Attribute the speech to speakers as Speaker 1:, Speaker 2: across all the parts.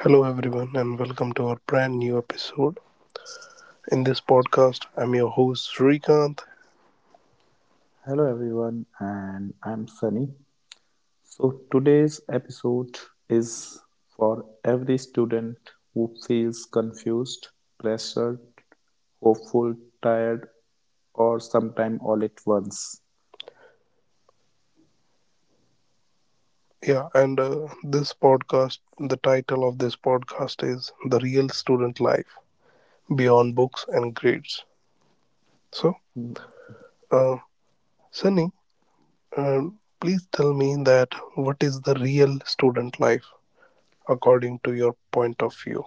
Speaker 1: Hello, everyone, and welcome to our brand new episode. In this podcast, I'm your host, Srikanth.
Speaker 2: Hello everyone, and I'm Sunny. So today's episode is for every student who feels confused, pressured, hopeful, tired, or sometime all at once.
Speaker 1: Yeah, and This podcast, the title of this podcast is The Real Student Life Beyond Books and Grades. So, uh, Sunny, uh, please tell me that what is the real student life according to your point of view?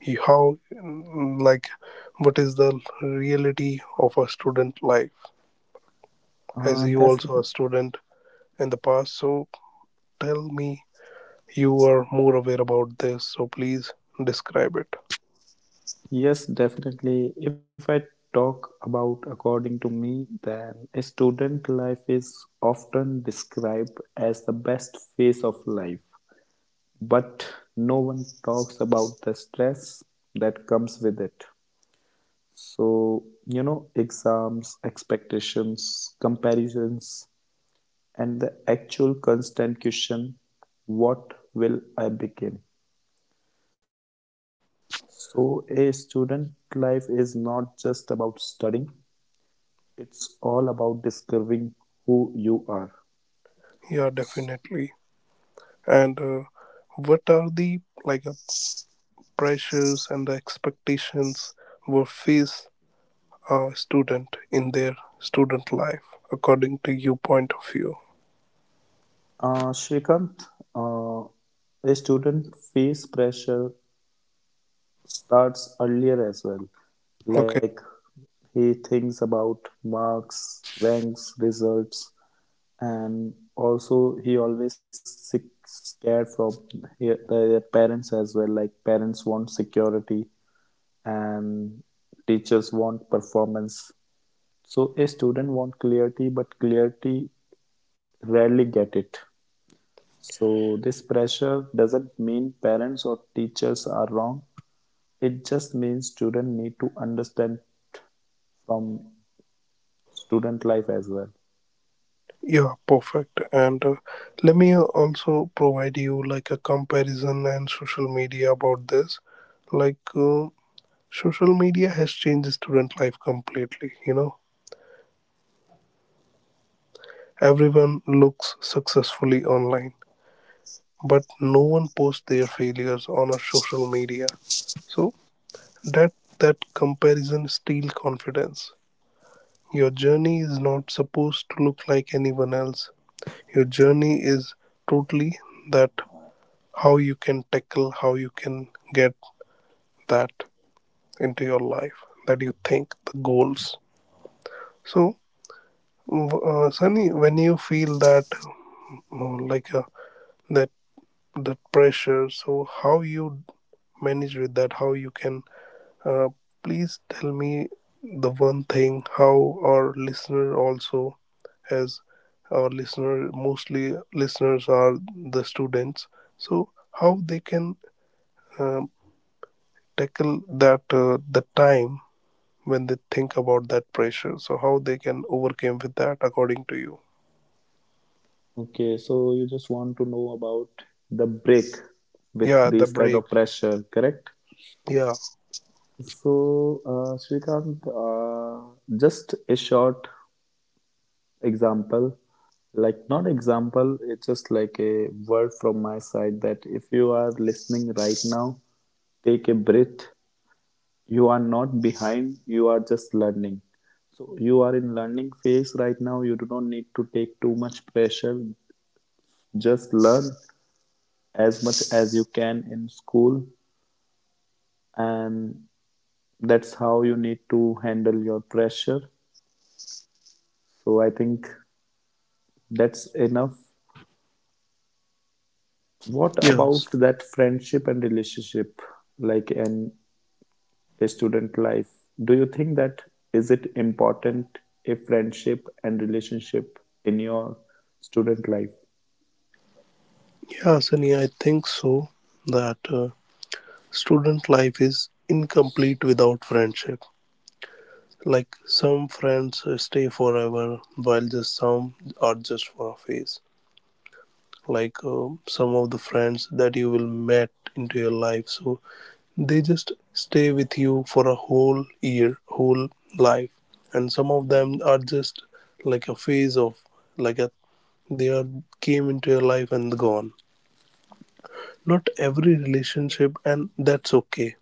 Speaker 1: You- How, mm, like, what is the reality of a student life? As
Speaker 2: Uh,
Speaker 1: you also
Speaker 2: definitely,
Speaker 1: a student in the past, so tell me you are more aware about this, so please describe it.
Speaker 2: yes, Definitely. If I talk about according to me, then a student life is often described as the best phase of life, but no one talks about the stress that comes with it. So you know, exams, expectations, comparisons, and the actual constant question, what will I become? So a student life is not just about studying, it's all about discovering who you are.
Speaker 1: Yeah, definitely. And What are the pressures and the expectations will face a student in their student life according to your point of view?
Speaker 2: Shrikant, uh, a student face pressure starts earlier as well.
Speaker 1: Okay.
Speaker 2: Like, he thinks about marks, ranks, results, and also he always scared from their parents as well. Like, parents want security and teachers want performance. So a student want clarity, but clarity rarely get it. So this pressure doesn't mean parents or teachers are wrong. It just means students need to understand from student life as well.
Speaker 1: Yeah, perfect. And Let me also provide you like a comparison and social media about this. Like uh, Social media has changed student life completely, you know. Everyone looks successfully online, but no one posts their failures on a social media. So that that comparison steals confidence. Your journey is not supposed to look like anyone else. Your journey is totally that how you can tackle, how you can get that into your life that you think the goals. So, Sunny, when you feel that uh, like a, that that pressure, so how you manage with that, how you can uh, please tell me the one thing how our listener also has, our listener, mostly listeners are the students, so how they can um, tackle that, the time when they think about that pressure, so how they can overcome with that according to you.
Speaker 2: Okay, so you just want to know about the break with
Speaker 1: Yeah, the
Speaker 2: this kind
Speaker 1: break,
Speaker 2: of pressure, correct?
Speaker 1: yeah.
Speaker 2: So, Shrikant, just a short example, like not example, it's just like a word from my side that if you are listening right now, take a breath. You are not behind, you are just learning. So you are in learning phase right now. You do not need to take too much pressure. Just learn as much as you can in school, and that's how you need to handle your pressure. So I think that's enough. What about
Speaker 1: Yes.
Speaker 2: that friendship and relationship? Like, in a student life, do you think that is it important, a friendship and relationship in your student life?
Speaker 1: Yeah sunny i think so that uh, Student life is incomplete without friendship. Like some friends stay forever, while just some are just for a phase. Some of the friends that you will met into your life, so they just stay with you for a whole year, whole life, and some of them are just like a phase of like a they are came into your life and gone. Not every relationship, and that's okay.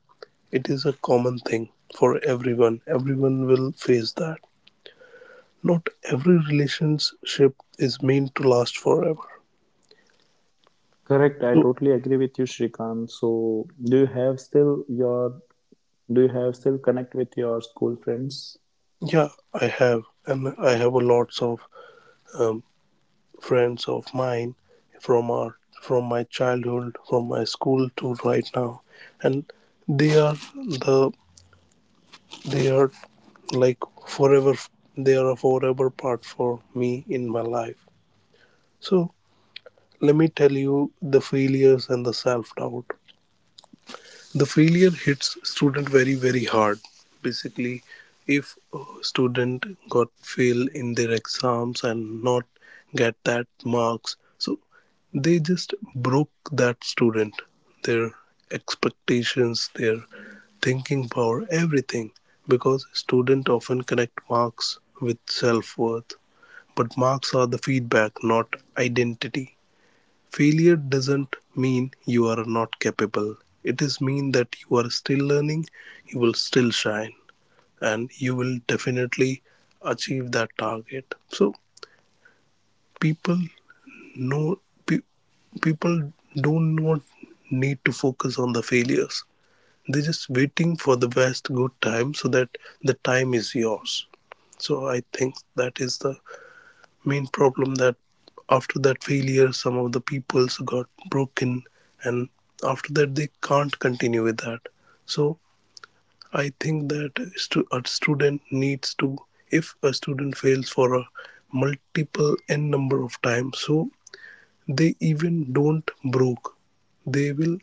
Speaker 1: It is a common thing for everyone. Everyone will face that. Not every relationship is meant to last forever.
Speaker 2: Correct, I
Speaker 1: So,
Speaker 2: totally agree with you, Shrikant. So do you have still your, do you have still connect with your school friends?
Speaker 1: yeah, I have, and I have a lots of um, friends of mine from our from my childhood, from my school to right now, and they are the they are like forever. They are a forever part for me in my life. So let me tell you the failures and the self doubt. The failure hits student very hard. Basically, if a student got fail in their exams and not get that marks, so they just broke that student, their expectations, their thinking power, everything. Because student often connect marks with self worth, but marks are the feedback, not identity. Failure doesn't mean you are not capable. It is mean that you are still learning, you will still shine, and you will definitely achieve that target. So people know, pe- people don't not need to focus on the failures. They're just waiting for the best good time, so that the time is yours. So I think that is the main problem that after that failure some of the peoples got broken and after that they can't continue with that. So I think that a student needs to, if a student fails for a multiple n number of times, so they even don't broke, they will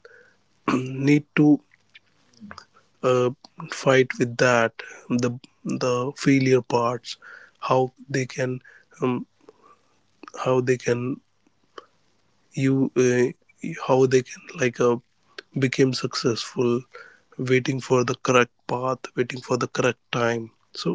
Speaker 1: need to uh, fight with that, the the failure parts, how they can um, how they can you how they can became successful, waiting for the correct path, waiting for the correct time. So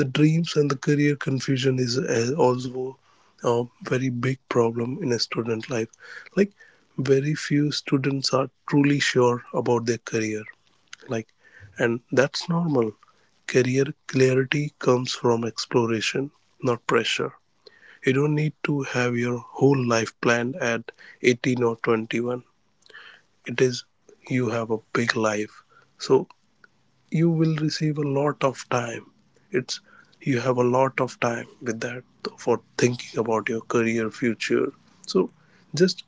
Speaker 1: the dreams and the career confusion is also a very big problem in a student life. Like very few students are truly sure about their career, like, and that's normal. Career clarity comes from exploration, not pressure. You don't need to have your whole life planned at 18 or 21. It is you have a big life. So you will receive a lot of time. It's you have a lot of time with that for thinking about your career future. So just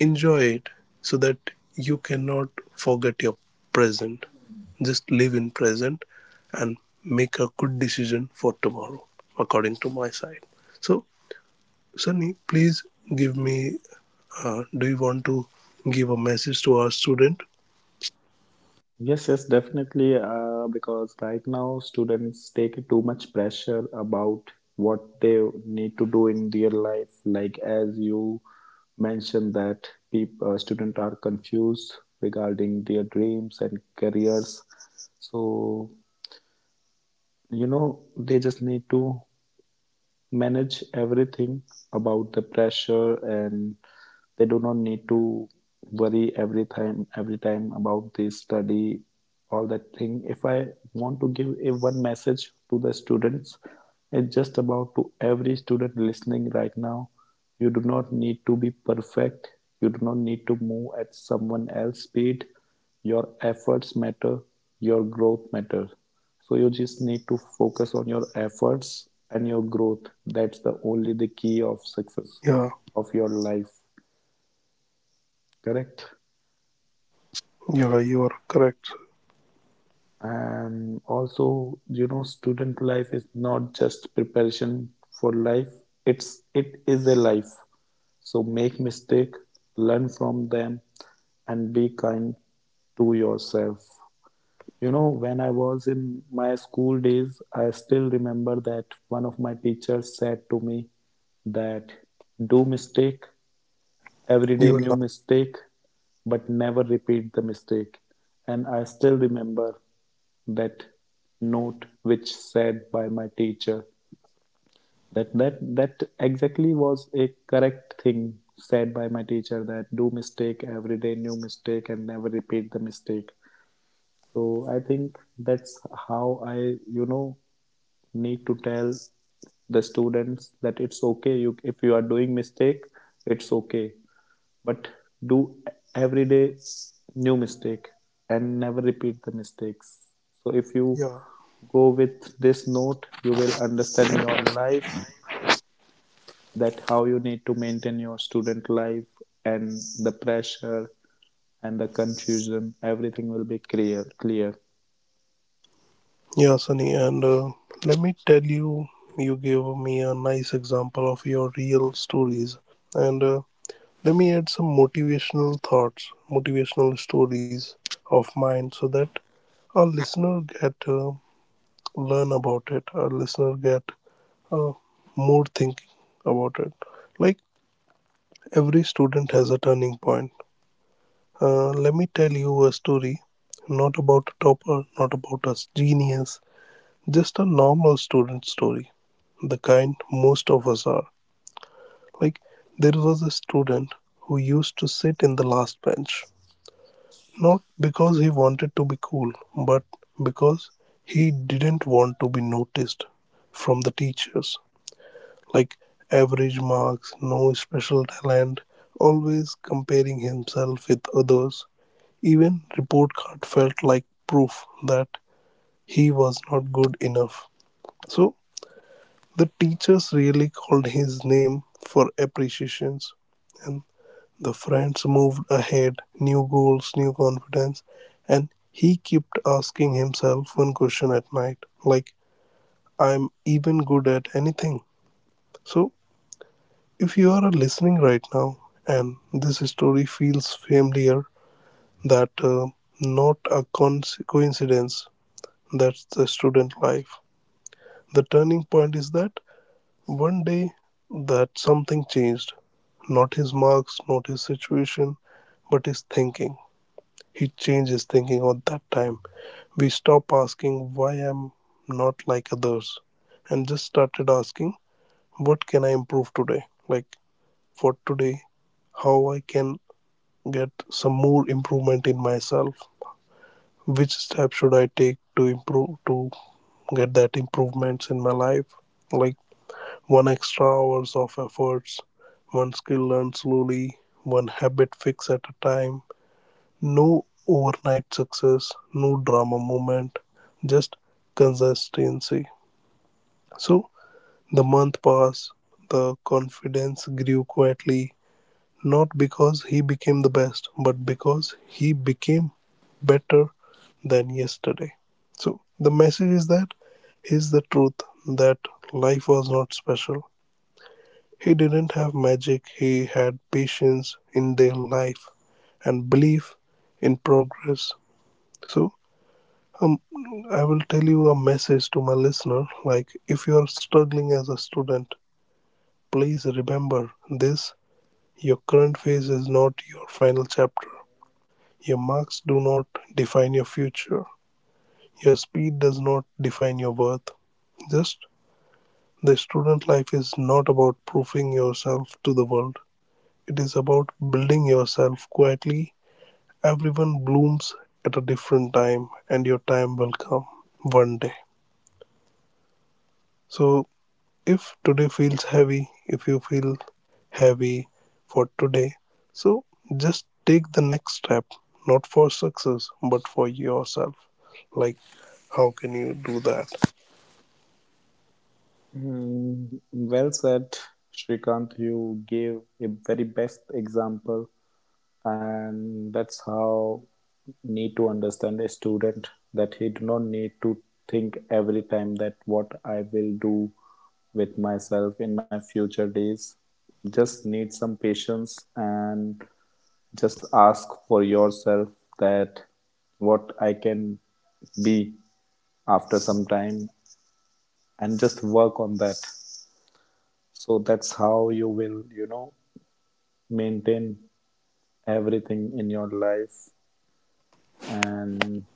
Speaker 1: enjoy it so that you cannot forget your present. Just live in present and make a good decision for tomorrow according to my side. So Sunny, please give me. Do you want to give a message to our student?
Speaker 2: Yes, yes, definitely. Because right now students take too much pressure about what they need to do in their life. Like as you mentioned that people, students are confused regarding their dreams and careers. So you know, they just need to manage everything about the pressure, and they do not need to worry every time about the study, all that thing. If I want to give a one message to the students, it's just about, to every student listening right now, you do not need to be perfect, you do not need to move at someone else's speed. Your efforts matter, your growth matters. So you just need to focus on your efforts and your growth. That's the only the key of success
Speaker 1: Yeah,
Speaker 2: of your life. Correct.
Speaker 1: yeah, you are correct.
Speaker 2: And also, you know, student life is not just preparation for life, it is a life. So make mistake, learn from them, and be kind to yourself. You know, when I was in my school days, I still remember that one of my teachers said to me that do mistake, every day
Speaker 1: You
Speaker 2: new
Speaker 1: are.
Speaker 2: mistake, but never repeat the mistake. And I still remember that note which said by my teacher, that exactly was a correct thing said by my teacher, that do mistake, every day new mistake, and never repeat the mistake. So I think that's how I, you know, need to tell the students that it's okay, you, if you are doing mistake, it's okay, but do every day new mistake and never repeat the mistakes. So if you
Speaker 1: Yeah,
Speaker 2: go with this note, you will understand your life, that how you need to maintain your student life, and the pressure and the confusion, everything will be clear.
Speaker 1: yeah, Sunny. And Let me tell you, you gave me a nice example of your real stories. And Let me add some motivational thoughts, motivational stories of mine, so that our listener get learn about it. Our listener get uh, more thinking about it. Like every student has a turning point. Let me tell you a story, not about a topper, not about a genius, just a normal student story, the kind most of us are. Like, there was a student who used to sit in the last bench, not because he wanted to be cool, but because he didn't want to be noticed from the teachers. Like average marks, no special talent, always comparing himself with others. Even report card felt like proof that he was not good enough. So the teachers really called his name for appreciations, and the friends moved ahead, new goals, new confidence, and he kept asking himself one question at night, like, I'm even good at anything. So if you are listening right now and this story feels familiar, that not a coincidence, that's the student life. The turning point is that one day that something changed. Not his marks, not his situation, but his thinking. He changed his thinking at that time. We stopped asking why I'm not like others and just started asking, what can I improve today? Like, for today, how I can get some more improvement in myself, which step should I take to improve to get that improvements in my life, like one extra hours of efforts, one skill learned slowly, one habit fix at a time, no overnight success, no drama moment, just consistency. So the month passed, the confidence grew quietly. Not because he became the best, but because he became better than yesterday. So the message is that here's the truth that life was not special. He didn't have magic, he had patience in their life and belief in progress. So um, I will tell you a message to my listener, like, if you are struggling as a student, please remember this. Your current phase is not your final chapter. Your marks do not define your future. Your speed does not define your worth. Just the student life is not about proving yourself to the world. It is about building yourself quietly. Everyone blooms at a different time, and your time will come one day. So, if today feels heavy, if you feel heavy for today, so just take the next step, not for success, but for yourself. Like, how can you do that?
Speaker 2: Mm, well said, Shrikant. You gave a very best example, and that's how need to understand a student, that he do not need to think every time that what I will do with myself in my future days. Just need some patience and just ask for yourself that what I can be after some time, and just work on that. So that's how you will, you know, maintain everything in your life. And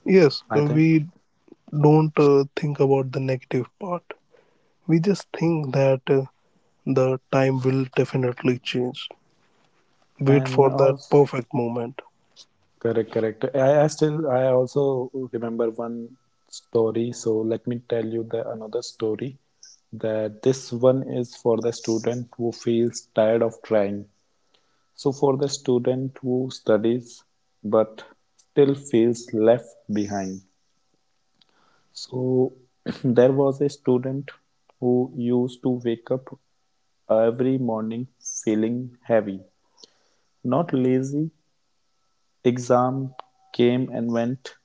Speaker 1: Yes,
Speaker 2: I think,
Speaker 1: we don't think about the negative part. We just think that the time will definitely change. Wait
Speaker 2: and
Speaker 1: for that
Speaker 2: also,
Speaker 1: perfect moment.
Speaker 2: correct, correct. I still, I also remember one story. So let me tell you the another story. That this one is for the student who feels tired of trying. So for the student who studies but still feels left behind. So there was a student who used to wake up every morning feeling heavy, not lazy. Exam came and went.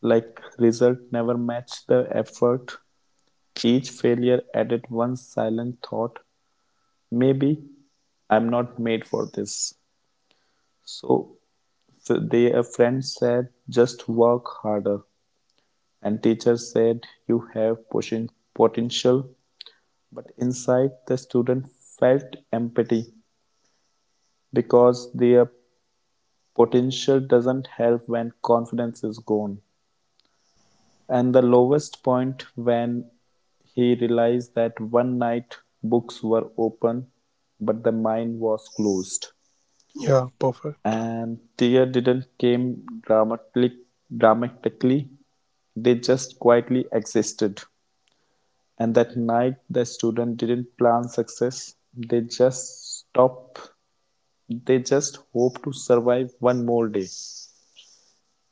Speaker 2: Like, result never matched the effort, each failure added one silent thought: maybe I'm not made for this. So f- they a friend said just work harder, and teacher said you have potential, but inside the student felt empty because their potential doesn't help when confidence is gone. And the lowest point, when he realized that one night books were open but the mine was closed,
Speaker 1: Yeah, perfect.
Speaker 2: and tear didn't came dramatically dramatically, they just quietly existed. And that night the student didn't plan success, they just stop, they just hope to survive one more day.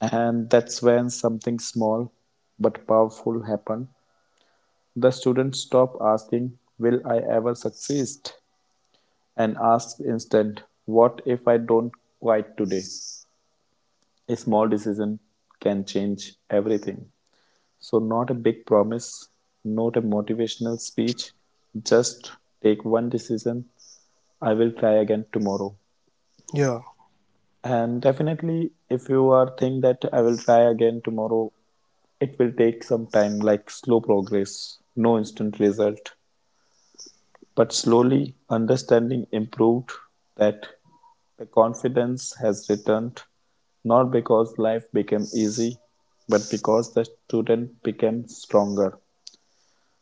Speaker 2: And that's when something small but powerful happened. The students stop asking "Will I ever succeed," and ask instead, "What if I don't quit today?" A small decision can change everything. So not a big promise, not a motivational speech, just take one decision, I will try again tomorrow.
Speaker 1: Yeah,
Speaker 2: And definitely, if you are think that I will try again tomorrow, it will take some time, like slow progress, no instant result. But slowly, understanding improved, that the confidence has returned, not because life became easy, but because the student became stronger.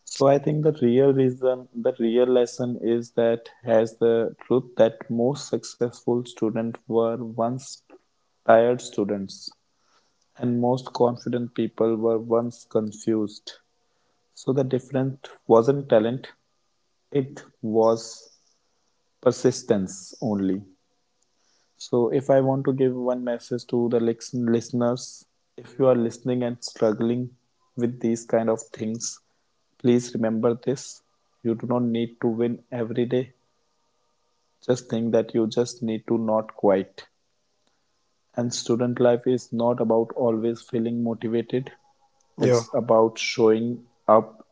Speaker 2: So I think the real reason, the real lesson is that, has the truth, that most successful students were once tired students, and most confident people were once confused. So the difference wasn't talent, it was persistence only. So, if I want to give one message to the listeners, if you are listening and struggling with these kind of things, please remember this. You do not need to win every day. Just think that you just need to not quit. And student life is not about always feeling motivated,
Speaker 1: yeah,
Speaker 2: it's about showing up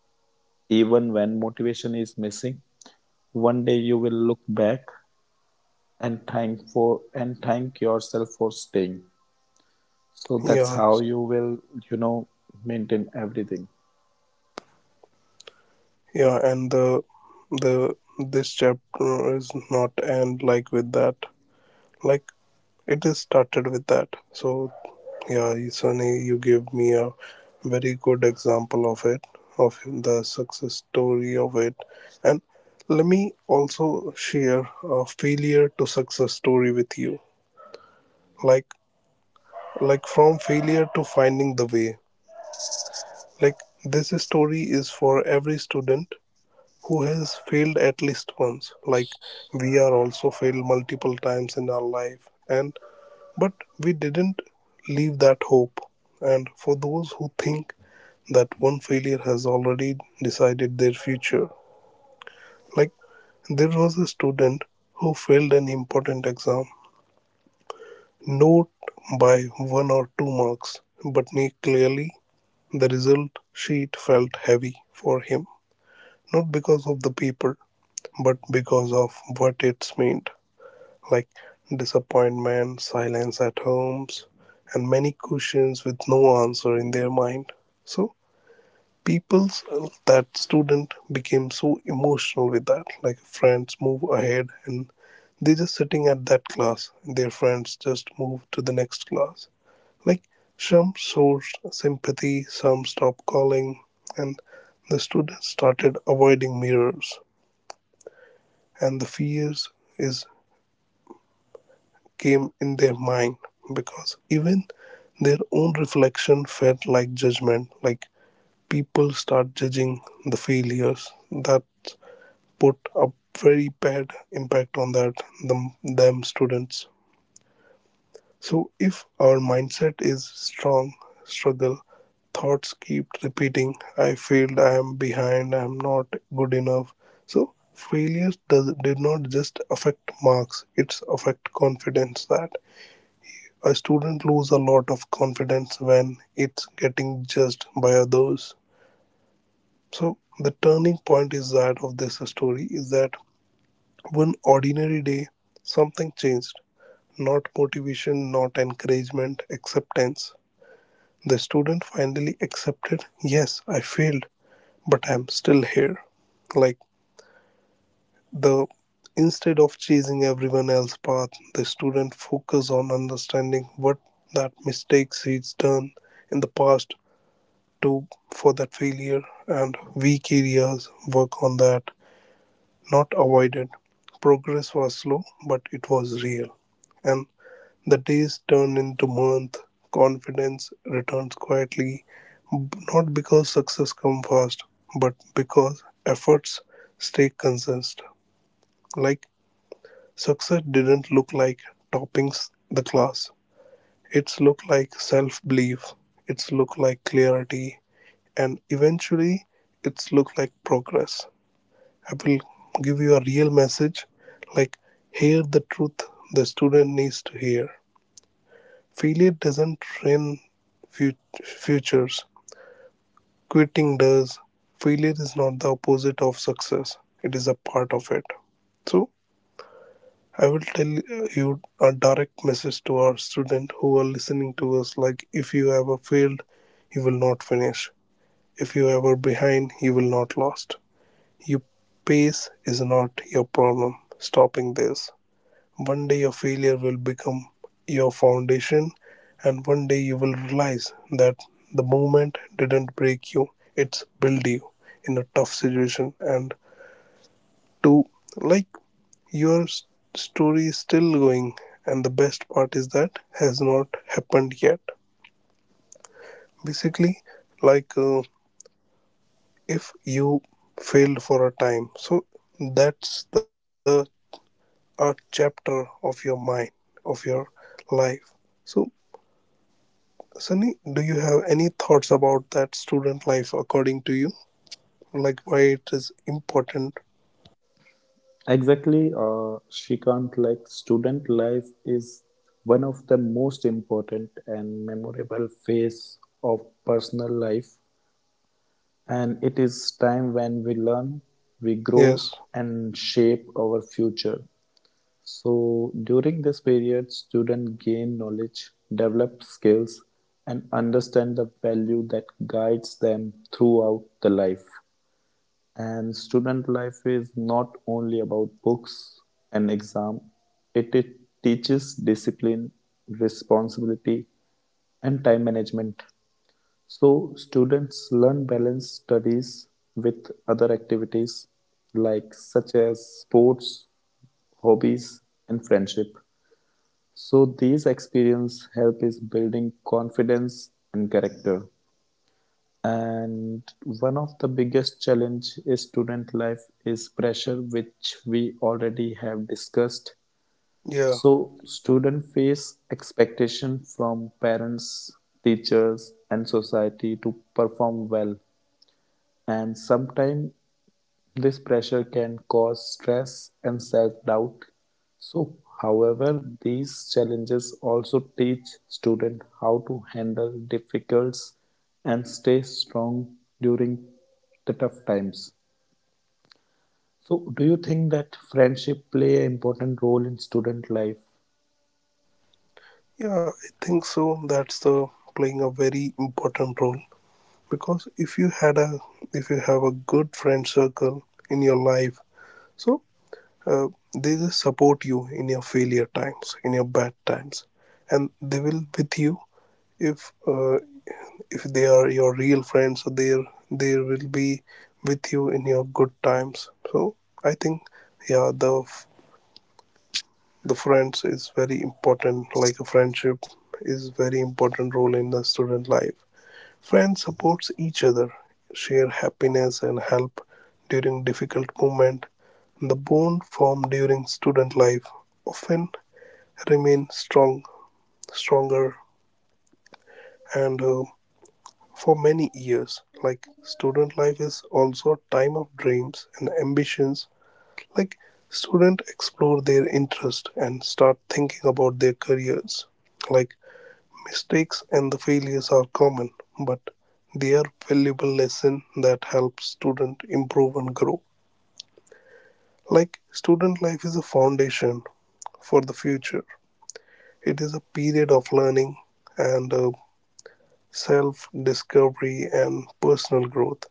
Speaker 2: even when motivation is missing. One day you will look back and thank for, and thank yourself for staying. So that's
Speaker 1: yeah,
Speaker 2: how you will, you know, maintain everything.
Speaker 1: yeah. And the this chapter is not end like with that. Like it is started with that. So yeah, Sunny, you gave me a very good example of it, of the success story of it. And let me also share a failure to success story with you. Like like from failure to finding the way. Like this story is for every student who has failed at least once. Like we are also failed multiple times in our life. And but we didn't leave that hope. And for those who think that one failure has already decided their future, like there was a student who failed an important exam, not by one or two marks, but clearly the result sheet felt heavy for him, not because of the paper, but because of what it's meant. Like disappointment, silence at homes, and many questions with no answer in their mind. So people, that student became so emotional with that. Like friends move ahead and they're just sitting at that class. Their friends just move to the next class. Like some sourced sympathy, some stopped calling, and the students started avoiding mirrors. And the fears is came in their mind because even their own reflection felt like judgment, like people start judging the failures that put a very bad impact on that them students. So if our mindset is strong, struggle thoughts keep repeating, I failed, I am behind, I am not good enough. So failure does did not just affect marks, it's affect confidence, that a student loses a lot of confidence when it's getting judged by others. So the turning point is that of this story is that one ordinary day something changed. Not motivation, not encouragement, acceptance. The student finally accepted, yes, I failed, but I'm still here. Like the Instead of chasing everyone else's path, the student focused on understanding what that mistakes he's done in the past to for that failure and weak areas work on that, not avoided. Progress was slow, but it was real. And the days turned into month, confidence returns quietly, not because success comes fast but because efforts stay consistent. Like success didn't look like topping the class, it's look like self belief, it's look like clarity, and eventually it's look like progress. I will give you a real message. Like hear the truth the student needs to hear. Failure doesn't train futures, quitting does. Failure is not the opposite of success, it is a part of it. So I will tell you a direct message to our student who are listening to us. Like if you ever failed, you will not finish. If you ever behind, you will not lost. Your pace is not your problem. Stopping this. One day your failure will become your foundation, and one day you will realize that the moment didn't break you, it's built you in a tough situation. And two, like your story is still going, and the best part is that has not happened yet. Basically, like if you failed for a time, so that's the a chapter of your mind, of your life. So, Sunny, do you have any thoughts about that student life according to you? Like why it is important?
Speaker 2: Exactly, Shrikant, like student life is one of the most important and memorable phase of personal life. And it is time when we learn, we grow,
Speaker 1: Yes.
Speaker 2: and shape our future. So during this period, students gain knowledge, develop skills, and understand the value that guides them throughout the life. And student life is not only about books and exam, it teaches discipline, responsibility, and time management. So, students learn balance studies with other activities like such as sports, hobbies, and friendship. So, these experience help is building confidence and character. And one of the biggest challenge is student life is pressure, which we already have discussed.
Speaker 1: Yeah.
Speaker 2: So student face expectation from parents, teachers, and society to perform well, and sometimes this pressure can cause stress and self-doubt. So, however, these challenges also teach students how to handle difficulties and stay strong during the tough times. So, do you think that friendship play an important role in student life?
Speaker 1: Yeah, I think so. That's the playing a very important role, because if you have a good friend circle in your life, so uh, they just support you in your failure times, in your bad times, and they will with you if uh, if they are your real friends, so they will be with you in your good times. So I think, yeah, the friends is very important. Like a friendship is very important role in the student life. Friends supports each other, share happiness and help during difficult moment. The bond formed during student life often remain strong, stronger, and for many years. Like student life is also a time of dreams and ambitions. Like students explore their interest and start thinking about their careers. Like mistakes and the failures are common, but they are valuable lesson that helps student improve and grow. Like student life is a foundation for the future. It is a period of learning and self discovery and personal growth.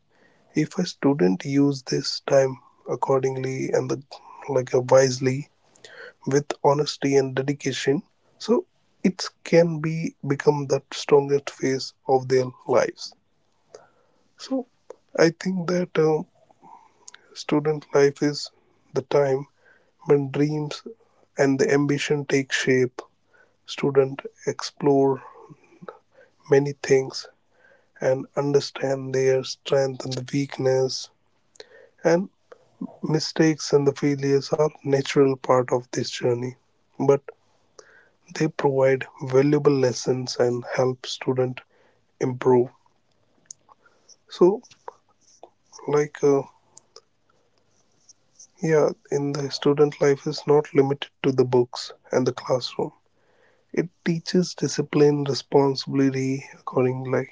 Speaker 1: If a student use this time accordingly and like wisely, with honesty and dedication, so it can be become the strongest phase of their lives. So I think that student life is the time when dreams and the ambition take shape. Student explore many things and understand their strength and the weakness, and mistakes and the failures are natural part of this journey, but they provide valuable lessons and help student improve. So, like, uh, yeah, in the student life is not limited to the books and the classroom. It teaches discipline, responsibility, accordingly.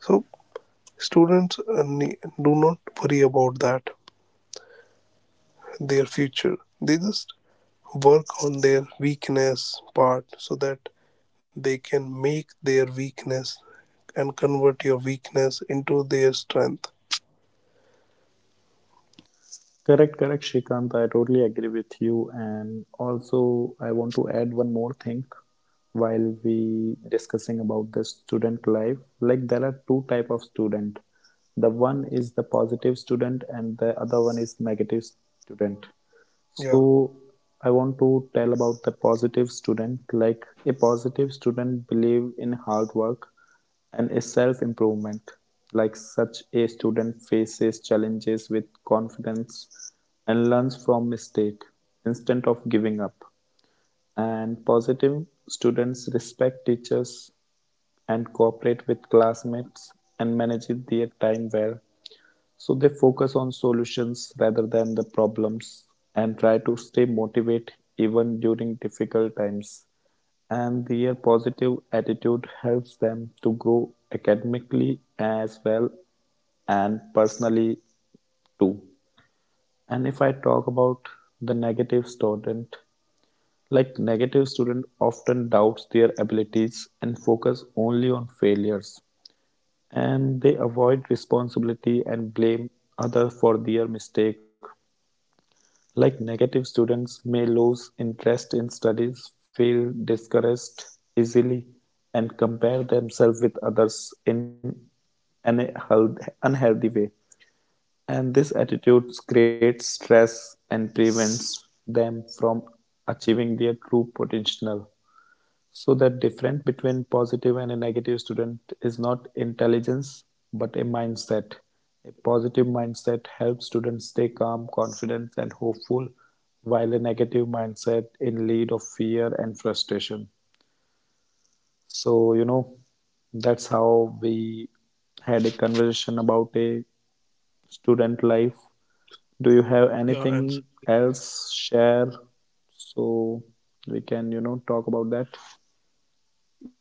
Speaker 1: So, students do not worry about that their future. They just work on their weakness part, so that they can make their weakness and convert your weakness into their strength.
Speaker 2: Correct, correct, Shrikant. I totally agree with you. And also, I want to add one more thing while we discussing about the student life. Like, there are two type of student. The one is the positive student, and the other one is negative student.
Speaker 1: Yeah,
Speaker 2: So I want to tell about the positive student. Like, a positive student believe in hard work and a self improvement. Like, such a student faces challenges with confidence and learns from mistake instead of giving up. And positive students respect teachers and cooperate with classmates and manage their time well. So they focus on solutions rather than the problems and try to stay motivated even during difficult times. And their positive attitude helps them to grow academically as well and personally too. And if I talk about the negative student, like, negative student often doubts their abilities and focus only on failures, and they avoid responsibility and blame other for their mistake. Like, negative students may lose interest in studies, feel discouraged easily, and compare themselves with others in an unhealthy way. And this attitude creates stress and prevents them from achieving their true potential. So that difference between positive and a negative student is not intelligence but a mindset. A positive mindset helps students stay calm, confident, and hopeful, while a negative mindset in lead of fear and frustration. So you know, that's how we had a conversation about a student life. Do you have
Speaker 1: yeah,
Speaker 2: anything
Speaker 1: and
Speaker 2: else share so we can you know talk about that?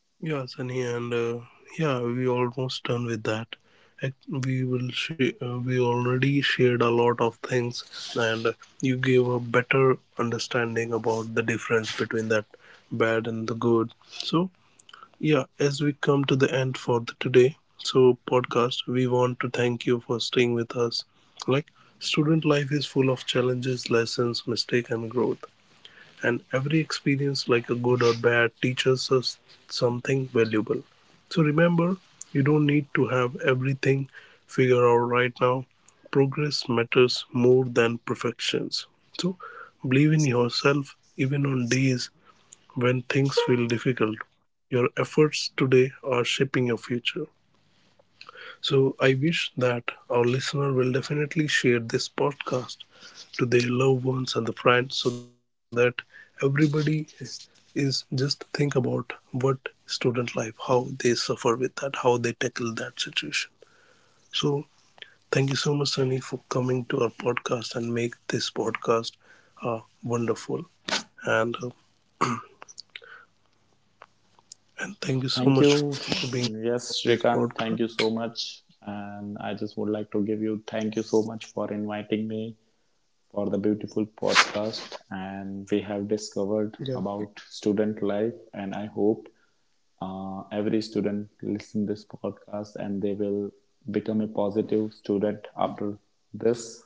Speaker 1: yeah, Sunny, and yeah, we almost done with that. We already shared a lot of things, and you gave a better understanding about the difference between that bad and the good. So yeah, as we come to the end for the today, so podcast, we want to thank you for staying with us. Like student life is full of challenges, lessons, mistake and growth. And every experience, like a good or bad, teaches us something valuable. So remember, you don't need to have everything figured out right now. Progress matters more than perfections. So believe in yourself even on days when things feel difficult. Your efforts today are shaping your future. So, I wish that our listener will definitely share this podcast to their loved ones and the friends, so that everybody is just think about what student life, how they suffer with that, how they tackle that situation. So, thank you so much, Sunny, for coming to our podcast and make this podcast wonderful. And uh, and thank you so
Speaker 2: Thank
Speaker 1: much
Speaker 2: you.
Speaker 1: for being
Speaker 2: Yes,
Speaker 1: on this
Speaker 2: Shrikant,
Speaker 1: podcast.
Speaker 2: thank you so much. And I just would like to give you thank you so much for inviting me for the beautiful podcast. And we have
Speaker 1: Yeah,
Speaker 2: discovered about student life. And I hope every student listen this podcast, and they will become a positive student after this.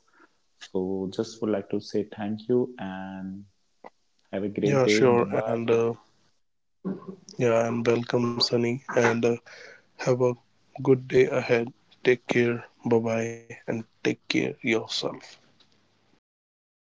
Speaker 2: So just would like to say thank you and have a great
Speaker 1: yeah,
Speaker 2: day. Bye
Speaker 1: sure,
Speaker 2: bye.
Speaker 1: and yeah, and welcome, Sunny, and have a good day ahead. Take care, bye bye, and take care yourself.
Speaker 2: Bye bye.